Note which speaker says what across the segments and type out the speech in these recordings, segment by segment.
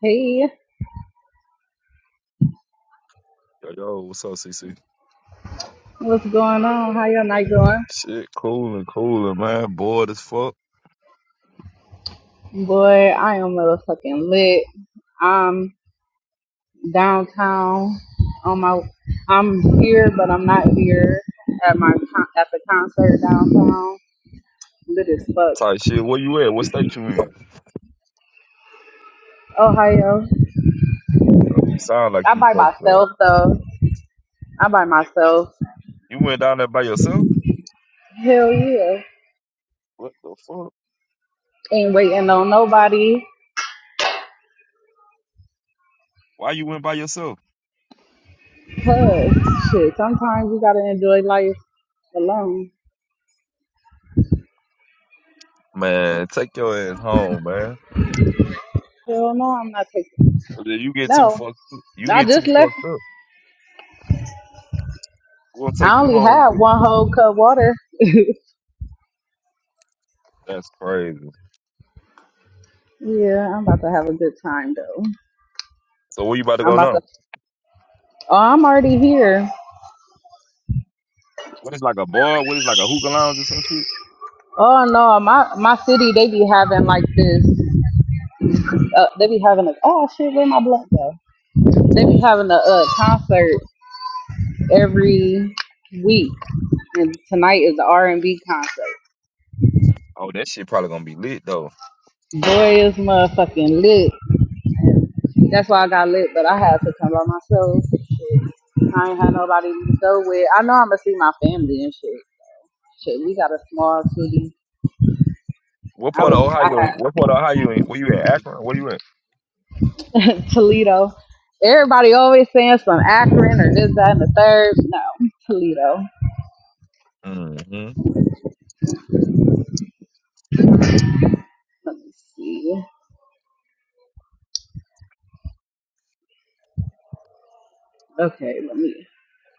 Speaker 1: Hey,
Speaker 2: Yo, yo, what's up, CC?
Speaker 1: what's going on? How your night going?
Speaker 2: Shit, cool and cool and man, bored as fuck.
Speaker 1: Boy, I am motherfucking lit. I'm downtown on my I'm here but I'm not here at my con- at the concert downtown. Lit as fuck.
Speaker 2: Type shit. Where you at? What state you in?
Speaker 1: Ohio.
Speaker 2: Yo, you sound like
Speaker 1: I
Speaker 2: you
Speaker 1: by
Speaker 2: fucked up.
Speaker 1: myself though. I by myself.
Speaker 2: You went down there by yourself?
Speaker 1: Hell yeah.
Speaker 2: What the fuck?
Speaker 1: Ain't waiting on nobody.
Speaker 2: Why you went by yourself?
Speaker 1: Cause shit, sometimes you gotta enjoy life alone.
Speaker 2: Man, take your ass home, man.
Speaker 1: Hell no, I'm not taking
Speaker 2: If You get too
Speaker 1: no.
Speaker 2: fucked up. You
Speaker 1: I
Speaker 2: get too
Speaker 1: just left.
Speaker 2: fucked up. We're gonna take
Speaker 1: I
Speaker 2: you
Speaker 1: only
Speaker 2: home.
Speaker 1: had
Speaker 2: You get
Speaker 1: one
Speaker 2: shit.
Speaker 1: whole cup water.
Speaker 2: That's crazy.
Speaker 1: yeah, I'm about to have a good time though.
Speaker 2: So where you about to
Speaker 1: I'm
Speaker 2: go
Speaker 1: about
Speaker 2: now?
Speaker 1: to. Oh, I'm already here.
Speaker 2: What is like a bar? What is like a hookah lounge or some shit?
Speaker 1: Oh no, my my city they be having like this. Uh, they be having a oh shit, where my blood go? They be having a, uh concert every week, and tonight is the R and B concert.
Speaker 2: Oh, that shit probably gonna be lit though.
Speaker 1: Boy is motherfucking lit. That's why I got lit, but I had to come by myself. Shit. I ain't had nobody to go with. I know I'm gonna see my family and shit. Shit, we got a small city.
Speaker 2: What
Speaker 1: I
Speaker 2: part of
Speaker 1: was,
Speaker 2: Ohio?
Speaker 1: I
Speaker 2: What part of Ohio? you in? Where you at? Akron? Where you at?
Speaker 1: had Toledo. Everybody always saying some Akron or this, that, and the third. No, Toledo.
Speaker 2: hmm
Speaker 1: Let me see. Okay, let me.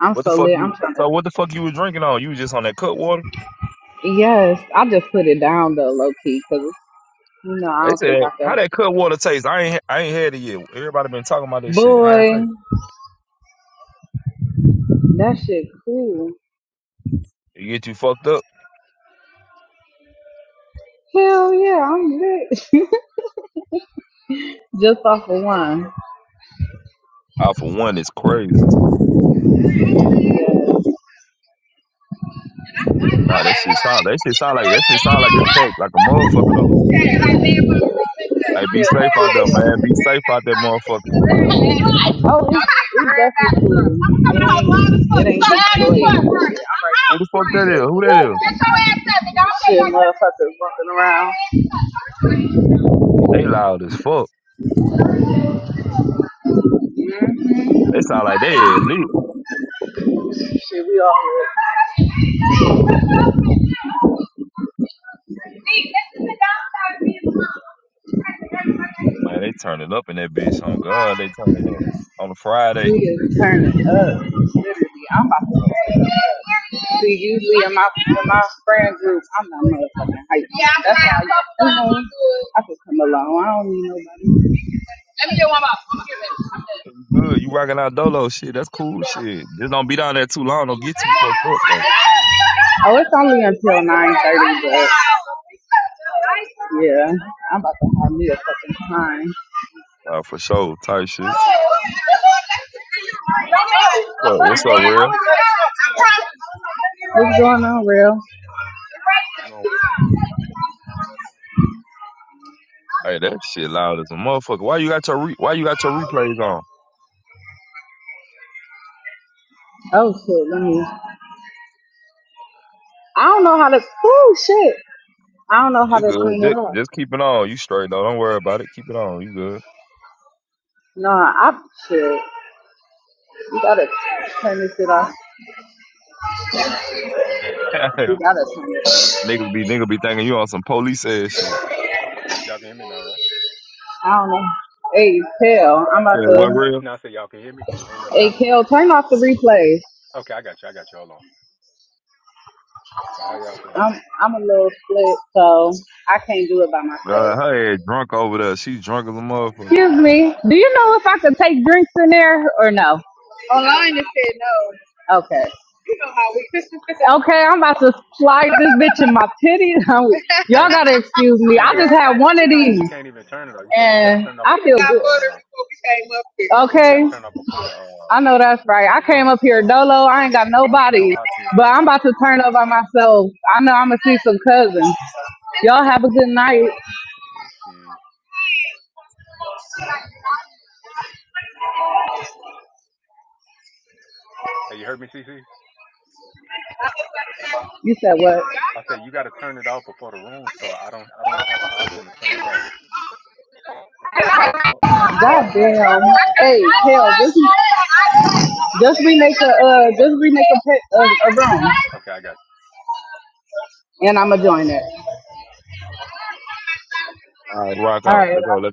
Speaker 1: I'm
Speaker 2: What the
Speaker 1: so
Speaker 2: fuck
Speaker 1: lit. I'm
Speaker 2: you?
Speaker 1: trying to.
Speaker 2: So what the fuck you was drinking on? You was just on that cut water?
Speaker 1: Yes, I just put it down though, low key, because, you know, I
Speaker 2: They
Speaker 1: don't think
Speaker 2: said
Speaker 1: I
Speaker 2: how that
Speaker 1: could.
Speaker 2: cut water taste? I ain't I ain't had it yet. Everybody been talking about this shit. How it
Speaker 1: Boy,
Speaker 2: taste?
Speaker 1: that shit cool.
Speaker 2: It get you fucked up.
Speaker 1: Hell yeah, I'm lit. just off of one.
Speaker 2: I for one, it's crazy. Nah, that shit sound that shit sound like that shit sound like it's packed like a
Speaker 1: Yes.
Speaker 2: motherfucker though.
Speaker 1: Oh, it's, it's definitely cool. It ain't, it ain't cool.
Speaker 2: Hey,
Speaker 1: Get
Speaker 2: be
Speaker 1: your
Speaker 2: safe out there, man. Be safe out there, motherfucker. Who the fuck that is? Who that is?
Speaker 1: ass up, nigga. Shit, motherfuckers walking around.
Speaker 2: They loud as fuck.
Speaker 1: Mhm.
Speaker 2: They sound like they lit.
Speaker 1: Shit, we all
Speaker 2: Man, they turning up in that bitch. On God,
Speaker 1: lit.
Speaker 2: they turning up on a Friday.
Speaker 1: We just turn it up. Literally, I'm about to turn it up. See, usually in my in my friend group, I'm not motherfucking hype. That's how I, you know, I could come along. I don't need nobody. Let me get one more.
Speaker 2: Good, you rocking out dolo shit. That's cool shit. Just don't be down there too long. Don't get too fucked up. Like,
Speaker 1: Oh, it's only until nine thirty, but yeah, I'm about to have me a fucking time.
Speaker 2: nah, for sure, type shit. What's up? What's up, real?
Speaker 1: What's going on, real?
Speaker 3: No,
Speaker 2: Hey, that shit loud as a motherfucker. Why you got your re- Why you got your replays on?
Speaker 1: Oh shit, let me. I don't know how to. Oh shit, I don't know how
Speaker 2: You
Speaker 1: to
Speaker 2: good?
Speaker 1: turn it
Speaker 2: Just,
Speaker 1: off.
Speaker 2: just keep it on. You straight though. Don't worry about it. Keep it on. You good?
Speaker 1: No, I shit. You gotta turn this shit off.
Speaker 3: my bad. Y'all can hear me
Speaker 1: You
Speaker 3: now.
Speaker 1: gotta turn it.
Speaker 2: niggas be niggas be thinking you on some police ass shit.
Speaker 3: Y'all can hear me now, right?
Speaker 1: I don't know. Hey, tell. I'm about
Speaker 2: Said what
Speaker 1: to.
Speaker 2: real?
Speaker 3: No, I said y'all can hear me. I ain't know if y'all
Speaker 1: Hey,
Speaker 3: can hear me.
Speaker 1: Kel, turn off the replays.
Speaker 3: Okay, I got you. I got you. Hold on. But how y'all doing now?
Speaker 1: I'm I'm a little split, so I can't do it by
Speaker 2: Uh,
Speaker 1: myself.
Speaker 2: her ass drunk over there. She's drunk as a motherfucker.
Speaker 1: Excuse me. Do you know if I could take drinks in there or no? Online it said no. Okay. You know how we. okay, I'm about to slide this bitch in my titties.
Speaker 3: You
Speaker 1: Y'all
Speaker 3: can't.
Speaker 1: gotta
Speaker 3: even-
Speaker 1: excuse
Speaker 3: You
Speaker 1: me.
Speaker 3: can't
Speaker 1: I
Speaker 3: even.
Speaker 1: just had one of these,
Speaker 3: You can't even turn it off. You, you got to
Speaker 1: and
Speaker 3: turn it off
Speaker 1: I feel
Speaker 3: before the.
Speaker 1: good.
Speaker 3: Uh, you got
Speaker 1: Okay.
Speaker 3: to turn it off before the. Uh,
Speaker 1: I know that's right. I
Speaker 3: the
Speaker 1: came
Speaker 3: room
Speaker 1: up here
Speaker 3: start.
Speaker 1: dolo. I ain't got
Speaker 3: I don't see no
Speaker 1: nobody,
Speaker 3: option to
Speaker 1: but
Speaker 3: turn it
Speaker 1: I'm
Speaker 3: off.
Speaker 1: about to turn up by myself. I know I'm gonna see some cousins. Y'all have a good night.
Speaker 3: Let me see. Hey, you heard me, CC?
Speaker 1: You said what?
Speaker 3: I said you got to turn it off before the room start. I don't. I don't have an option to turn it off. Once you start
Speaker 1: God
Speaker 3: the room,
Speaker 1: damn.
Speaker 3: once you
Speaker 1: Hey,
Speaker 3: start the room.
Speaker 1: hell, just just remake a uh, just remake a, pa- a, a room,
Speaker 3: Okay, I got you.
Speaker 1: and I'ma join it.
Speaker 2: All right, rock
Speaker 1: All
Speaker 2: out.
Speaker 1: right.
Speaker 2: Let's go. Let's.